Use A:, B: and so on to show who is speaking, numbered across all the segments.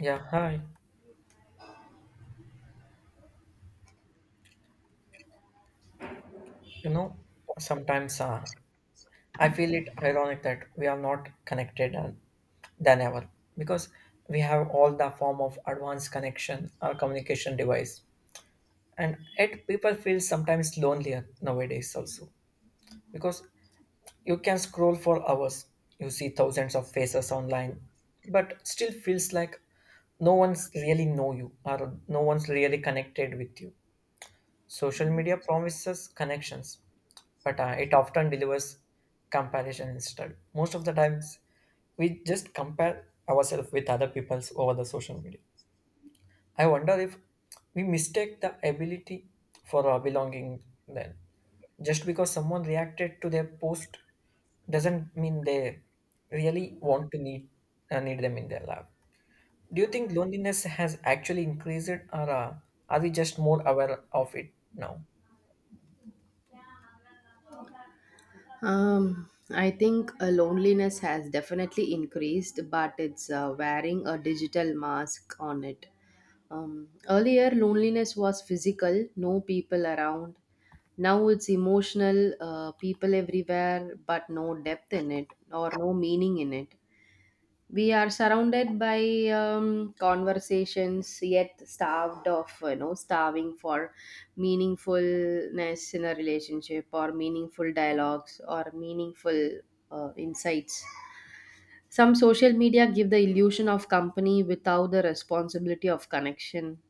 A: Yeah, hi. You know, Sometimes I feel it ironic that we are not connected than ever because we have all the form of advanced connection or communication device, and yet people feel sometimes lonelier nowadays also because you can scroll for hours, you see thousands of faces online, but still feels like no one's really know you or no one's really connected with you. Social media promises connections, but it often delivers comparison instead. Most of the times, we just compare ourselves with other people's over the social media. I wonder if we mistake the ability for our belonging then. Just because someone reacted to their post doesn't mean they really want to need them in their life. Do you think loneliness has actually increased, or are we just more aware of it now?
B: I think loneliness has definitely increased, but it's wearing a digital mask on it. Earlier, loneliness was physical, no people around. Now it's emotional, people everywhere, but no depth in it or no meaning in it. We are surrounded by conversations yet starved of starving for meaningfulness in a relationship or meaningful dialogues or meaningful insights. Some social media give the illusion of company without the responsibility of connection,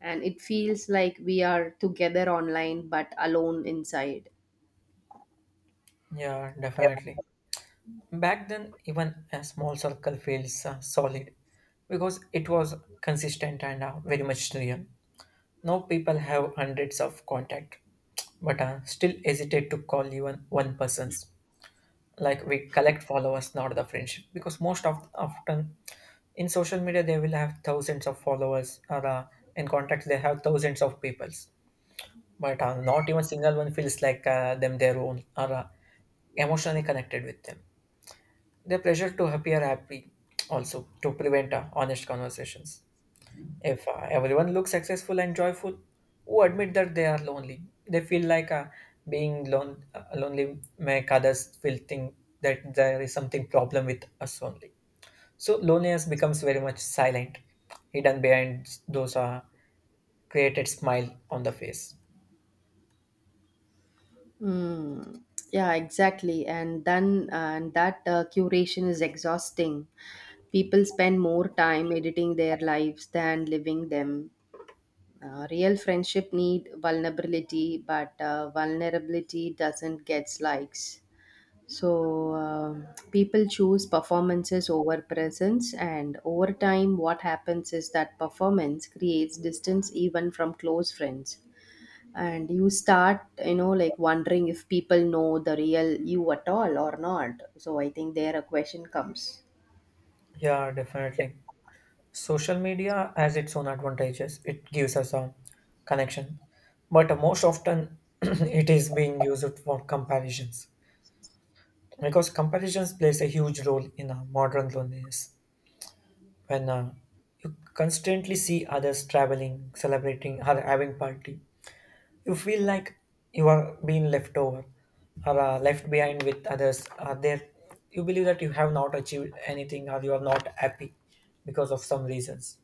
B: and it feels like we are together online but alone inside.
A: Yeah, definitely. Back then, even a small circle feels solid because it was consistent and very much real. Now people have hundreds of contact, but still hesitate to call even one person's. Like we collect followers, not the friendship, because most of often in social media they will have thousands of followers or in contacts they have thousands of peoples, but not even single one feels like them their own or emotionally connected with them. The pressure to appear happy also to prevent honest conversations. If everyone looks successful and joyful, who admit that they are lonely? They feel like being lonely make others feel think that there is something problem with us only. So loneliness becomes very much silent, hidden behind those created smile on the face.
B: Mm, yeah, exactly. And that curation is exhausting. People spend more time editing their lives than living them. Real friendship need vulnerability, but vulnerability doesn't get likes. So people choose performances over presence, and over time, what happens is that performance creates distance even from close friends, and you start like wondering if people know the real you at all or not. So I think there a question comes.
A: Yeah, definitely. Social media has its own advantages. It gives us a connection, but most often it is being used for comparisons because comparisons plays a huge role in modern loneliness. When you constantly see others traveling, celebrating, or having party, you feel like you are being left over or left behind with others. Are there? You believe that you have not achieved anything, or you are not happy because of some reasons.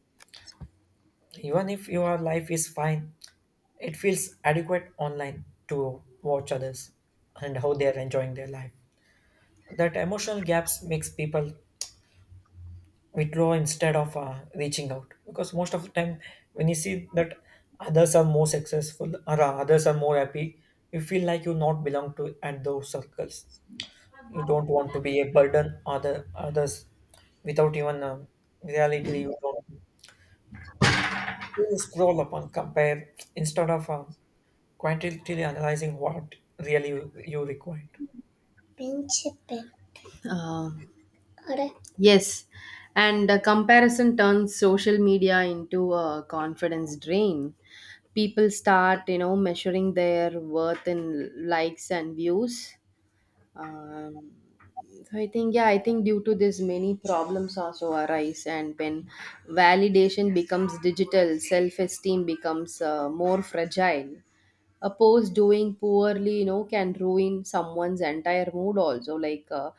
A: Even if your life is fine, it feels adequate online to watch others and how they are enjoying their life. That emotional gaps makes people withdraw instead of reaching out because most of the time when you see that others are more successful or others are more happy, you feel like you not belong to at those circles. You don't want to be a burden other others without even reality. You don't you scroll upon compare instead of. Quantitatively analyzing what really you required.
B: um, yes, and the comparison turns social media into a confidence drain. People start measuring their worth in likes and views. Um, so i think yeah i think due to this many problems also arise, and when validation becomes digital, self-esteem becomes more fragile. A post doing poorly can ruin someone's entire mood also, like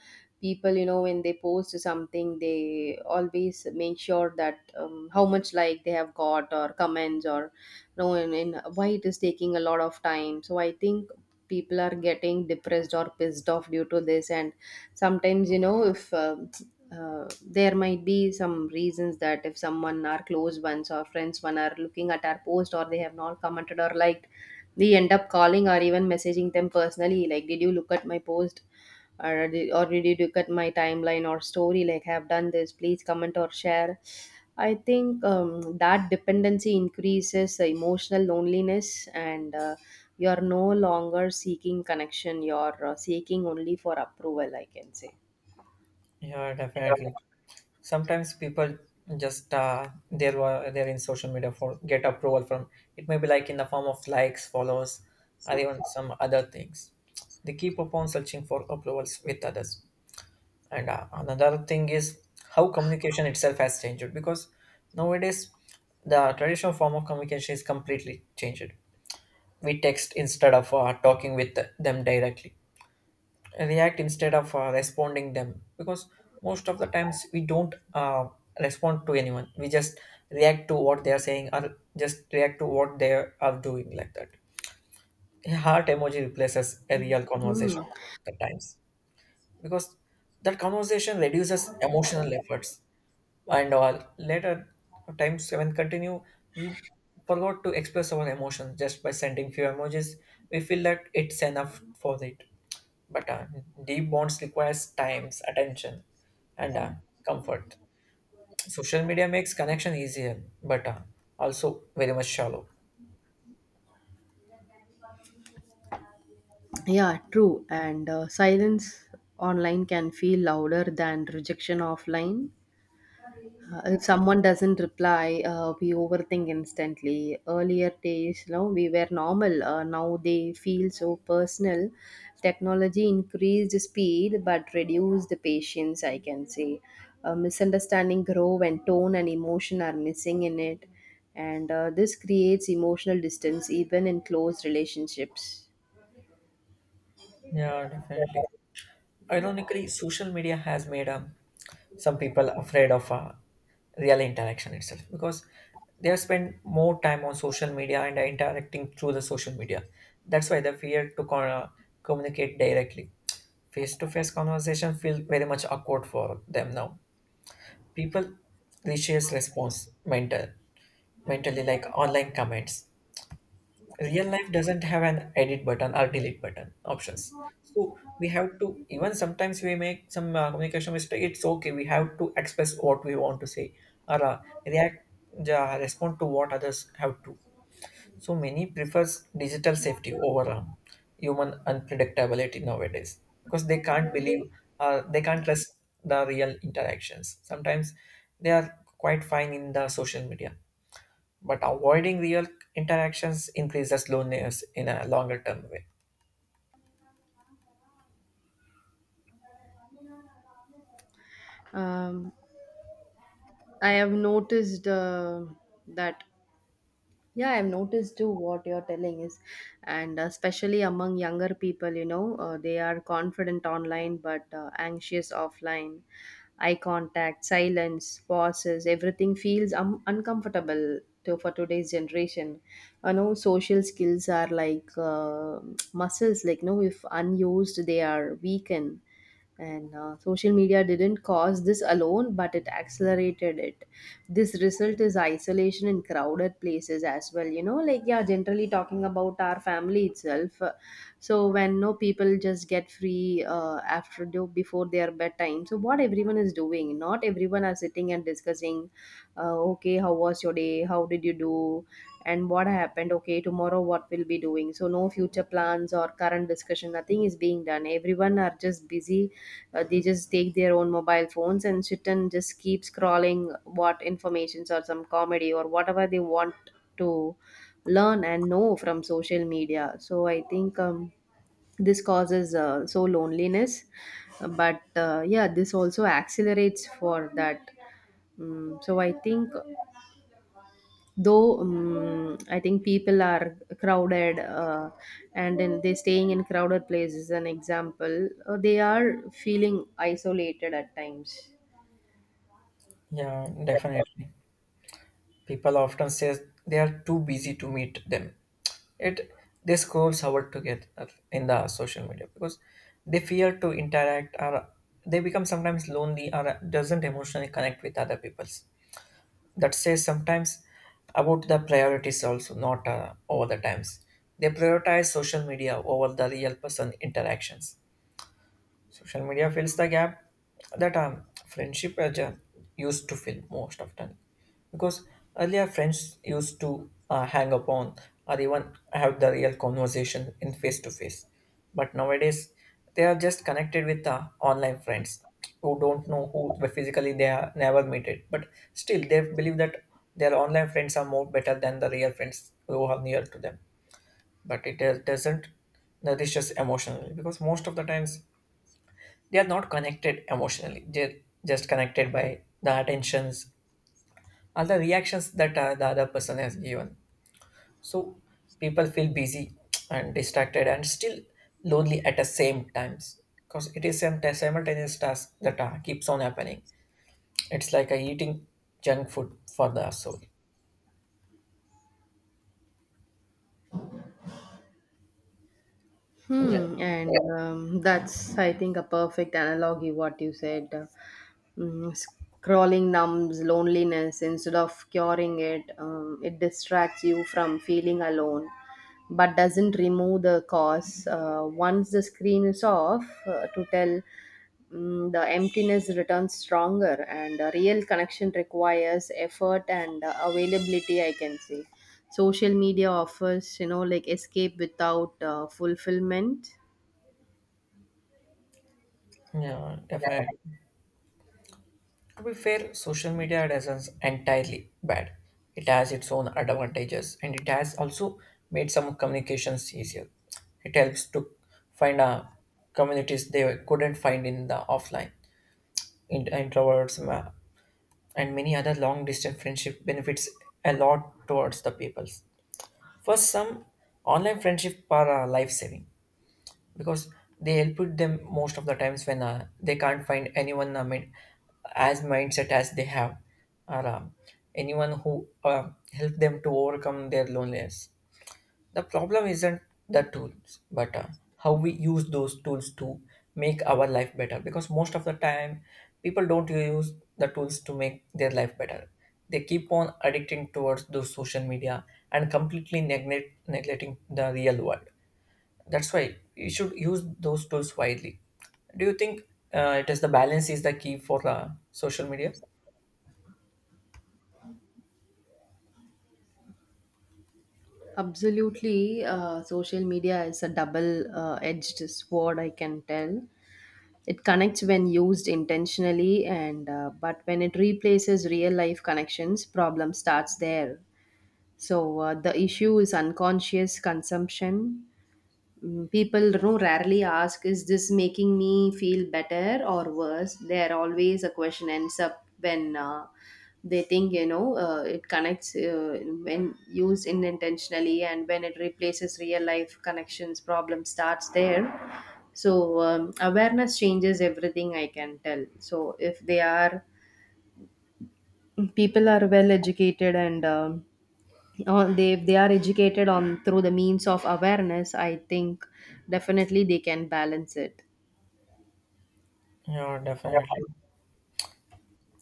B: people when they post something, they always make sure that how much like they have got or comments or and why it is taking a lot of time. So I think people are getting depressed or pissed off due to this. And sometimes you know if there might be some reasons that if someone our close ones or friends one are looking at our post or they have not commented or liked, we end up calling or even messaging them personally, like, did you look at my post, or did you look at my timeline or story, like, I have done this, please comment or share. I think that dependency increases the emotional loneliness, and you are no longer seeking connection, you're seeking only for approval, I can say.
A: Yeah, definitely. Sometimes people just there were they're in social media for get approval from it may be like in the form of likes, follows, or even some other things. They keep upon searching for approvals with others. And another thing is how communication itself has changed because nowadays the traditional form of communication is completely changed. We text instead of talking with them directly, react instead of responding them because most of the times we don't respond to anyone, we just react to what they are saying or just react to what they are doing like that. A heart emoji replaces a real conversation
B: Hmm.
A: at times because that conversation reduces emotional efforts and all. Later times when continue, we forgot to express our emotions just by sending few emojis. We feel that it's enough for it. But deep bonds requires times, attention, and comfort. Social media makes connection easier, but also very much shallow.
B: Yeah, true. And silence online can feel louder than rejection offline. If someone doesn't reply, we overthink instantly. Earlier days, you know, we were normal. Now they feel so personal. Technology increased speed but reduced the patience, I can say. Misunderstanding grow when tone and emotion are missing in it. And this creates emotional distance even in close relationships.
A: Yeah, definitely. Ironically, social media has made a some people are afraid of real interaction itself because they have spent more time on social media and are interacting through the social media, that's why they fear to communicate directly. Face-to-face conversation feel very much awkward for them now. People resists response mentally like online comments. Real life doesn't have an edit button or delete button options, so we have to, even sometimes we make some communication mistake, it's okay, we have to express what we want to say or react, respond to what others have to. So many prefers digital safety over human unpredictability nowadays because they can't believe they can't trust the real interactions sometimes. They are quite fine in the social media but avoiding real interactions increases loneliness in a longer term way.
B: Um, I have noticed that Yeah, I've noticed too what you're telling is, and especially among younger people, you know, they are confident online but anxious offline. Eye contact, silence, pauses, everything feels uncomfortable for today's generation. You know, social skills are like muscles, like, no, if unused, they are weakened. And social media didn't cause this alone, but it accelerated it. This result is isolation in crowded places as well, you know, like, yeah, generally talking about our family itself. So when no people just get free after do before their bedtime, so what everyone is doing, not everyone are sitting and discussing, okay, how was your day? How did you do? And what happened? Okay, tomorrow what we'll be doing. So no future plans or current discussion. Nothing is being done. Everyone are just busy. They just take their own mobile phones and sit and just keep scrolling what informations or some comedy or whatever they want to learn and know from social media. So I think this causes so loneliness. But yeah, this also accelerates for that. Mm, so I think though I think people are crowded and then they staying in crowded places, an example, they are feeling isolated at times.
A: Yeah, definitely. People often say they are too busy to meet them. It they scroll hours together in the social media because they fear to interact or they become sometimes lonely or doesn't emotionally connect with other peoples. That says sometimes about the priorities also not over the times. They prioritize social media over the real person interactions. Social media fills the gap that friendship used to fill most often. Because earlier friends used to hang upon or even have the real conversation in face to face. But nowadays, they are just connected with online friends who don't know who but physically they are never meted. But still, they believe that their online friends are more better than the real friends who are near to them. But it doesn't nourishes emotionally because most of the times they are not connected emotionally, they're just connected by the attentions, all the reactions that the other person has given. So people feel busy and distracted and still lonely at the same times because it is some simultaneous task that keeps on happening. It's like a eating junk food for the soul. Yeah,
B: Hmm, and yeah. That's I think a perfect analogy what you said. Scrolling numbs loneliness instead of curing it. It distracts you from feeling alone but doesn't remove the cause. Once the screen is off, to tell, mm, the emptiness returns stronger, and a real connection requires effort and availability, I can say. Social media offers, you know, like escape without fulfillment.
A: yeah, definitely. To be fair, social media doesn't entirely bad. It has its own advantages and it has also made some communications easier. It helps to find communities they couldn't find in the offline. Introverts and many other long distance friendship benefits a lot towards the peoples. For some, online friendship are life saving because they helped them most of the times when they can't find anyone mind, as mindset as they have or anyone who help them to overcome their loneliness. The problem isn't the tools but how we use those tools to make our life better because most of the time people don't use the tools to make their life better, they keep on addicting towards those social media and completely neglecting the real world. That's why you should use those tools widely. Do you think it is the balance is the key for the social media?
B: Absolutely, social media is a double edged sword, I can tell. It connects when used intentionally, and but when it replaces real life connections, problem starts there. So the issue is unconscious consumption. Mm, people, you know, rarely ask, is this making me feel better or worse? There always a question ends up when they think, you know, it connects when used unintentionally, and when it replaces real life connections, problem starts there. So awareness changes everything, I can tell. So if they are people are well educated and or they if they are educated on through the means of awareness, I think definitely they can balance it.
A: Yeah, definitely.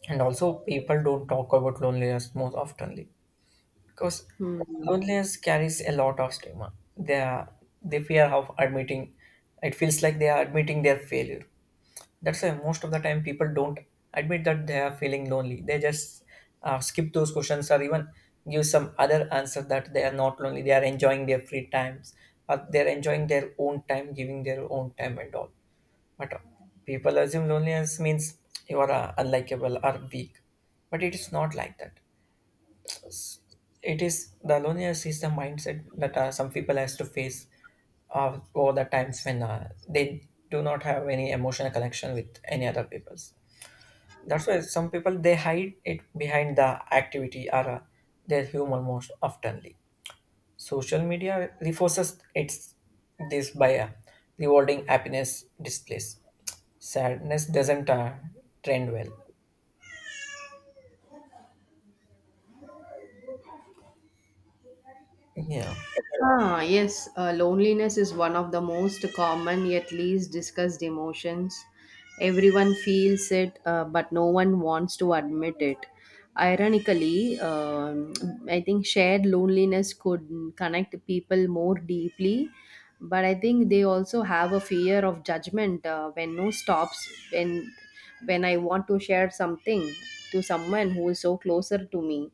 A: And also, people don't talk about loneliness most oftenly, because
B: Hmm.
A: loneliness carries a lot of stigma. They are, they fear of admitting. It feels like they are admitting their failure. That's why most of the time people don't admit that they are feeling lonely. They just skip those questions or even give some other answer that they are not lonely. They are enjoying their free times. Or they are enjoying their own time, giving their own time and all. But people assume loneliness means you are unlikable or weak. But it is not like that. It is the loneliness is the mindset that some people has to face over the times when they do not have any emotional connection with any other peoples. That's why some people they hide it behind the activity or their humor most oftenly. Social media reinforces its this by rewarding happiness displays. Sadness doesn't trend well. Yeah,
B: Ah, yes, loneliness is one of the most common yet least discussed emotions. Everyone feels it, but no one wants to admit it. Ironically, I think shared loneliness could connect people more deeply, but I think they also have a fear of judgment when no stops. When when I want to share something to someone who is so closer to me,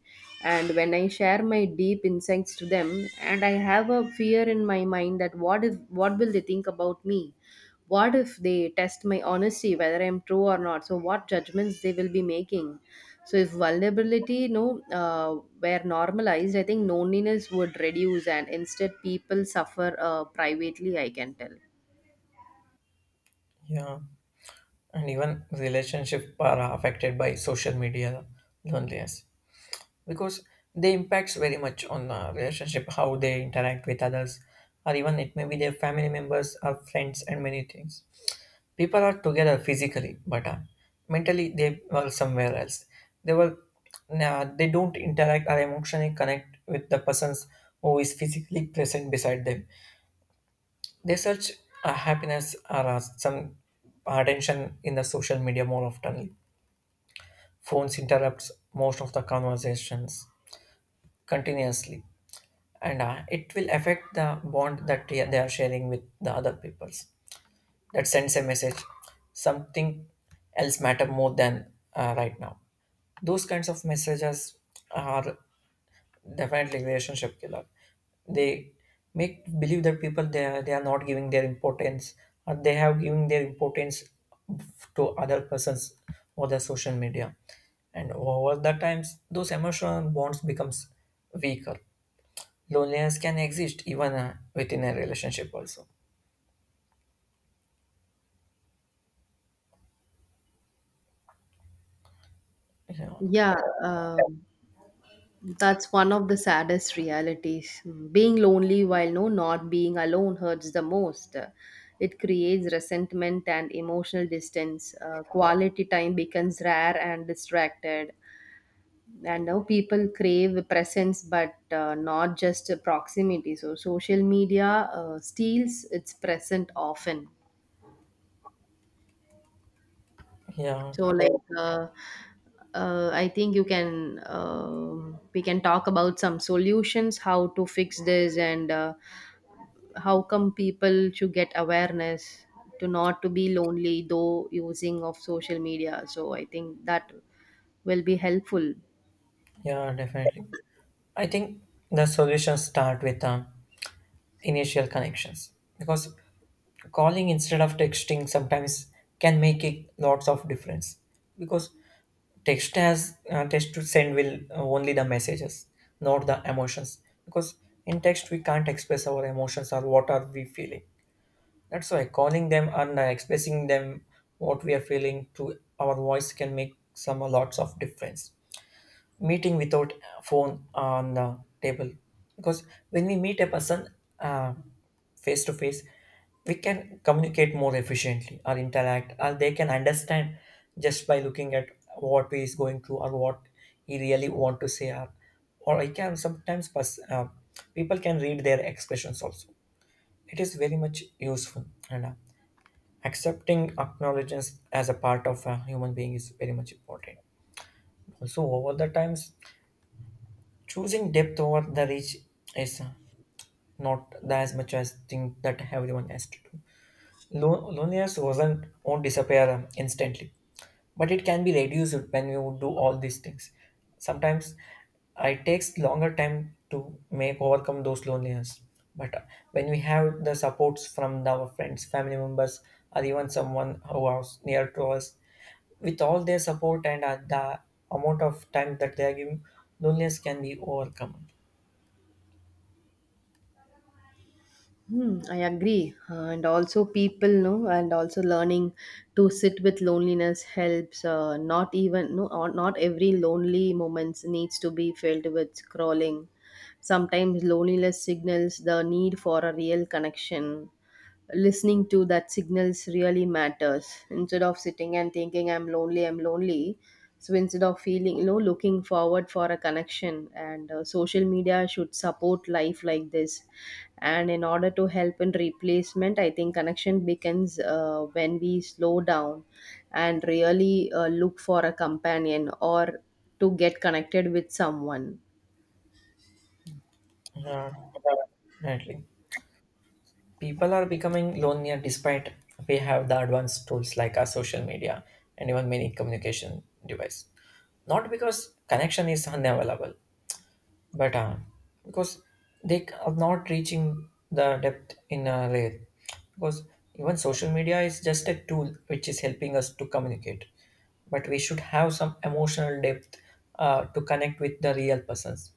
B: and when I share my deep insights to them, and I have a fear in my mind that what if, what will they think about me, what if they test my honesty whether I'm true or not, so what judgments they will be making. So if vulnerability, you know, were normalized, I think loneliness would reduce, and instead people suffer privately, I can tell.
A: yeah. And even relationships are affected by social media loneliness because they impacts very much on relationship how they interact with others or even it may be their family members or friends and many things. People are together physically but mentally they are somewhere else. They were nah, they don't interact or emotionally connect with the persons who is physically present beside them. They search happiness or some attention in the social media more often. Phones interrupts most of the conversations continuously, and it will affect the bond that they are sharing with the other peoples. That sends a message: something else matter more than right now. Those kinds of messages are definitely relationship killer. They make believe that people they are not giving their importance or they have giving their importance to other persons or the social media. And over the times, those emotional bonds becomes weaker. Loneliness can exist even within a relationship also. Yeah,
B: Yeah. um, That's one of the saddest realities. Mm, being lonely while not being alone hurts the most. It creates resentment and emotional distance. Quality time becomes rare and distracted. And now people crave presence, but not just proximity. So social media steals its present often.
A: yeah,
B: So I think you can we can talk about some solutions, how to fix this, and how come people should get awareness to not to be lonely though using of social media, so I think that will be helpful.
A: yeah, definitely. I think the solutions start with initial connections because calling instead of texting sometimes can make a lots of difference because text has text to send will only the messages, not the emotions, because in text we can't express our emotions or what are we feeling. That's why calling them and expressing them what we are feeling to our voice can make some lots of difference. Meeting without phone on the table, because when we meet a person uh, face to face, we can communicate more efficiently or interact, or they can understand just by looking at what he is going through or what he really want to say, or I can sometimes people can read their expressions also. It is very much useful. And Accepting acknowledgments as a part of a human being is very much important. Also, over the times, choosing depth over the reach is not the as much as thing that everyone has to do. Loneliness wasn't won't disappear instantly, but it can be reduced when you do all these things. Sometimes it takes longer time to make overcome those loneliness. But when we have the supports from the, our friends, family members, or even someone who is near to us, with all their support and the amount of time that they are giving, loneliness can be overcome.
B: Hmm, I agree. And also, people know, and also learning to sit with loneliness helps. Not even, no, or not every lonely moments needs to be filled with scrolling. Sometimes loneliness signals the need for a real connection. Listening to that signals really matters. Instead of sitting and thinking, I'm lonely, so instead of feeling, you know, looking forward for a connection, and social media should support life like this. And in order to help in replacement, I think connection begins when we slow down and really look for a companion or to get connected with someone.
A: Yeah, definitely. People are becoming lonelier despite we have the advanced tools like our social media and even many communication device. Not because connection is unavailable, but because they are not reaching the depth in a layer. Because even social media is just a tool which is helping us to communicate, but we should have some emotional depth to connect with the real persons.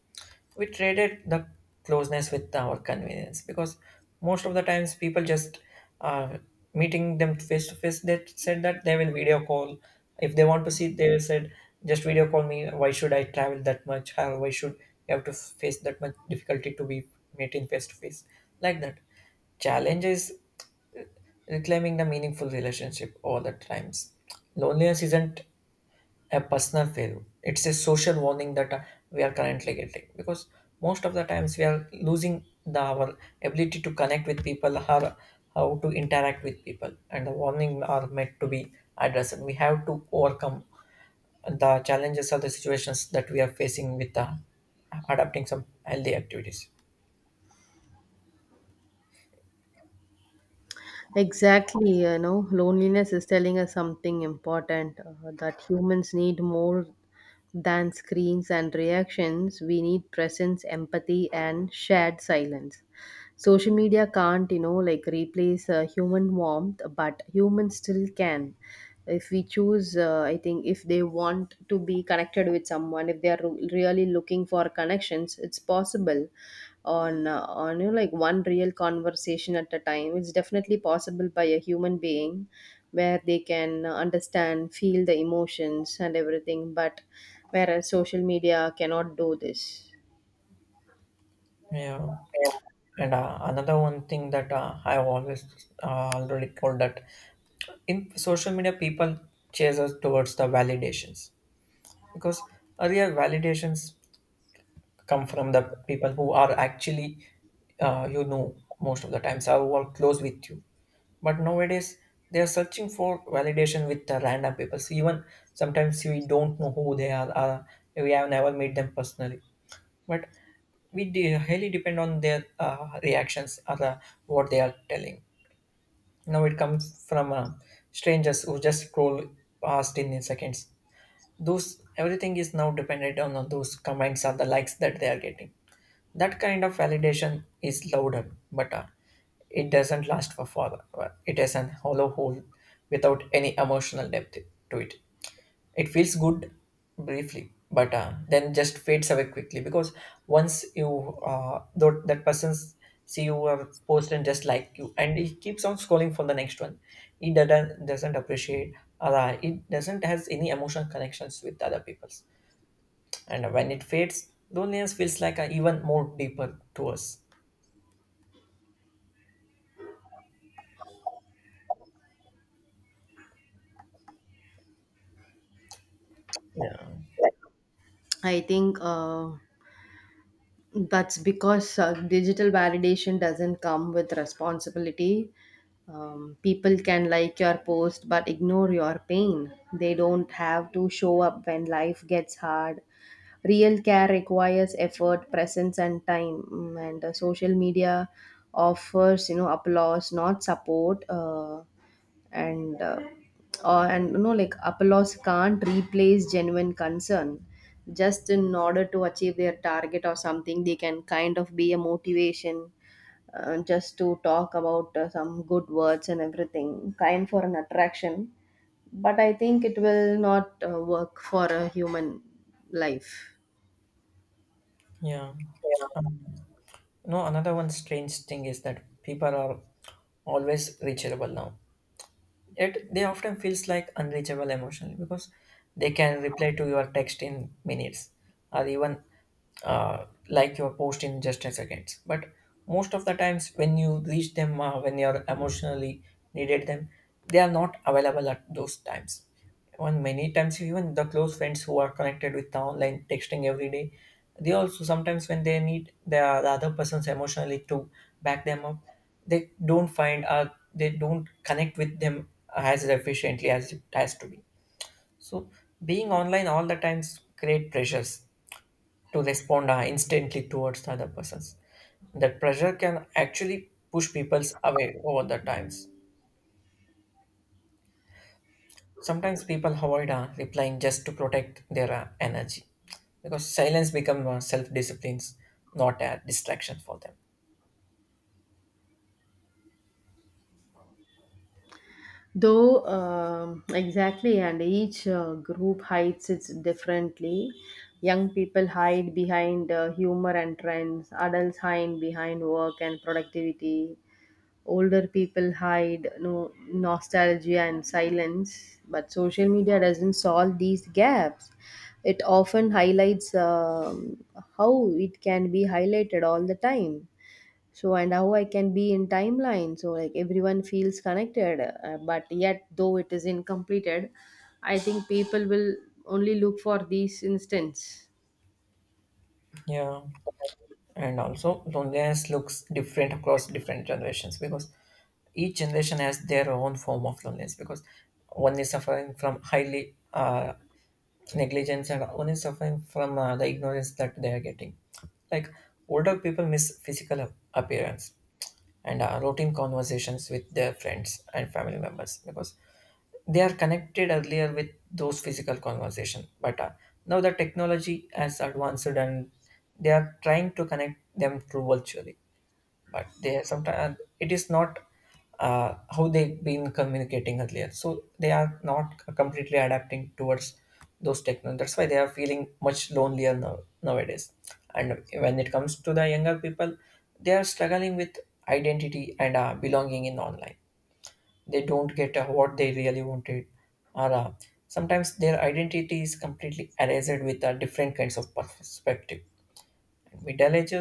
A: We traded the closeness with our convenience, because most of the times people just uh, meeting them face to face, they said that they will video call. If they want to see, they said, just video call me, why should I travel that much. How, why should you have to face that much difficulty to be meeting face to face, like that. Challenge is uh, reclaiming the meaningful relationship all the times. Loneliness isn't a personal failure. It's a social warning that we are currently getting, because most of the times we are losing the our ability to connect with people, how to interact with people, and the warning are meant to be addressed. We have to overcome the challenges or the situations that we are facing with adapting some healthy activities.
B: Exactly, you know, loneliness is telling us something important, that humans need more than screens and reactions. We need presence, empathy, and shared silence. Social media can't, you know, like replace human warmth, but humans still can. If we choose, I think if they want to be connected with someone, if they are really looking for connections, it's possible on you know, like one real conversation at a time. It's definitely possible by a human being, where they can understand feel the emotions and everything, but whereas social media cannot do this.
A: Yeah. And Another one thing that I've always already told, that in social media, people chase us towards the validations, because earlier validations come from the people who are actually you know, most of the times are who are close with you. But nowadays they are searching for validation with the random people, so even sometimes we don't know who they are, or we have never met them personally, but we highly depend on their reactions or what they are telling. Now it comes from strangers who just scroll past in seconds. Those everything is now dependent on those comments or the likes that they are getting. That kind of validation is louder, but it doesn't last for forever. It is an hollow hole without any emotional depth to it. It feels good briefly, but then just fades away quickly, because once you though that person's see your post and just like you and he keeps on scrolling for the next one, he doesn't appreciate, or it doesn't has any emotional connections with other people's. And when it fades, loneliness feels like a even more deeper to us. Yeah.
B: I think that's because digital validation doesn't come with responsibility. People can like your post but ignore your pain. They don't have to show up when life gets hard. Real care requires effort, presence and time. Mm, and social media offers, you know, applause not support. And uh, and You know, like, applause can't replace genuine concern. Just in order to achieve their target or something, they can kind of be a motivation, just to talk about some good words and everything kind for an attraction. But I think it will not work for a human life.
A: Yeah. um, no, another one strange thing is that people are always reachable now. Yet they often feels like unreachable emotionally, because they can reply to your text in minutes, or even like your post in just a seconds. But most of the times when you reach them, when you're emotionally needed them, they are not available at those times. And many times, even the close friends who are connected with the online texting every day, they also sometimes when they need the other person's emotionally to back them up, they don't find they don't connect with them as efficiently as it has to be. So being online all the times create pressures to respond instantly towards the other persons. That pressure can actually push people's away over the times. Sometimes people avoid replying just to protect their energy, because silence becomes self disciplines, not a distraction for them.
B: Though, exactly, and each group hides it differently. Young people hide behind humor and trends, adults hide behind work and productivity, older people hide no, nostalgia and silence. But social media doesn't solve these gaps. It often highlights how it can be highlighted all the time, so and how I can be in timeline, so like everyone feels connected, but yet though it is incompleted. I think people will only look for these instance.
A: Yeah, and also loneliness looks different across different generations, because each generation has their own form of loneliness, because one is suffering from highly negligence and one is suffering from the ignorance that they are getting. Like older people miss physical appearance and routine conversations with their friends and family members, because they are connected earlier with those physical conversation, but now the technology has advanced and they are trying to connect them through virtually, but they sometimes it is not how they've been communicating earlier, so they are not completely adapting towards those technologies. That's why they are feeling much lonelier now, nowadays. And when it comes to the younger people, they are struggling with identity and belonging in online. They don't get what they really wanted, or sometimes their identity is completely erased with different kinds of perspective. Middle age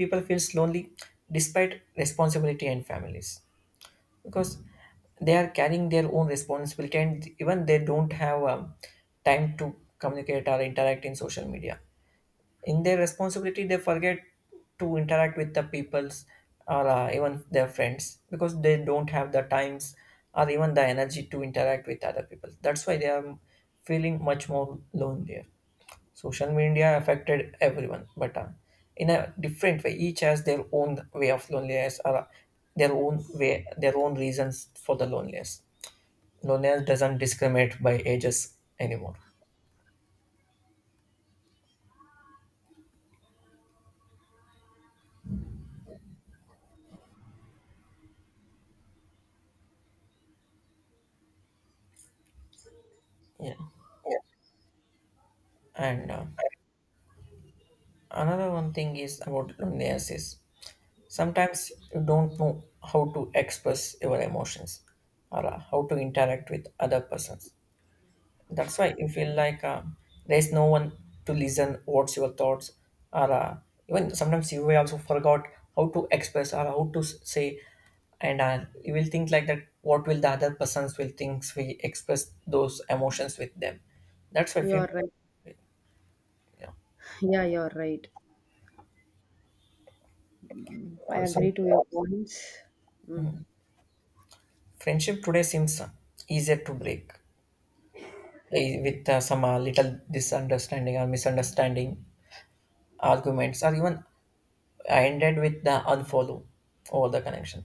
A: people feels lonely despite responsibility and families, because they are carrying their own responsibility, and even they don't have time to communicate or interact in social media. In their responsibility they forget to interact with the peoples, or even their friends, because they don't have the times or even the energy to interact with other people. That's why they are feeling much more lonelier. Social media affected everyone, but in a different way. Each has their own way of loneliness, or their own way, their own reasons for the loneliness. Loneliness doesn't discriminate by ages anymore. Yeah. And Another one thing is about loneliness is sometimes you don't know how to express your emotions, or how to interact with other persons. That's why you feel like there's no one to listen what's your thoughts, or even sometimes you may also forgot how to express or how to say, and you will think like that what will the other persons will think we express those emotions with them. That's why
B: You're
A: people,
B: right.
A: you know,
B: Yeah, you're right. I
A: also
B: agree to your points. Mm.
A: friendship today seems easier to break, with some little misunderstanding or misunderstanding, arguments, or even ended with the unfollow all the connection.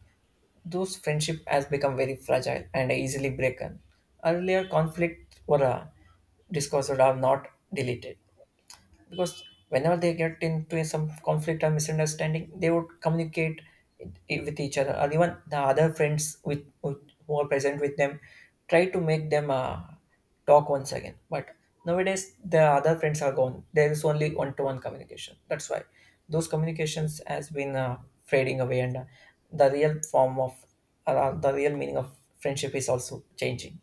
A: Those friendship has become very fragile and easily broken. Earlier conflict were discussed, or not deleted, because whenever they get into some conflict or misunderstanding, they would communicate it with each other, or even the other friends with who are present with them, try to make them talk once again. But nowadays, the other friends are gone. There is only one-to-one communication. That's why those communications has been fading away, and the real form of, the real meaning of friendship is also changing.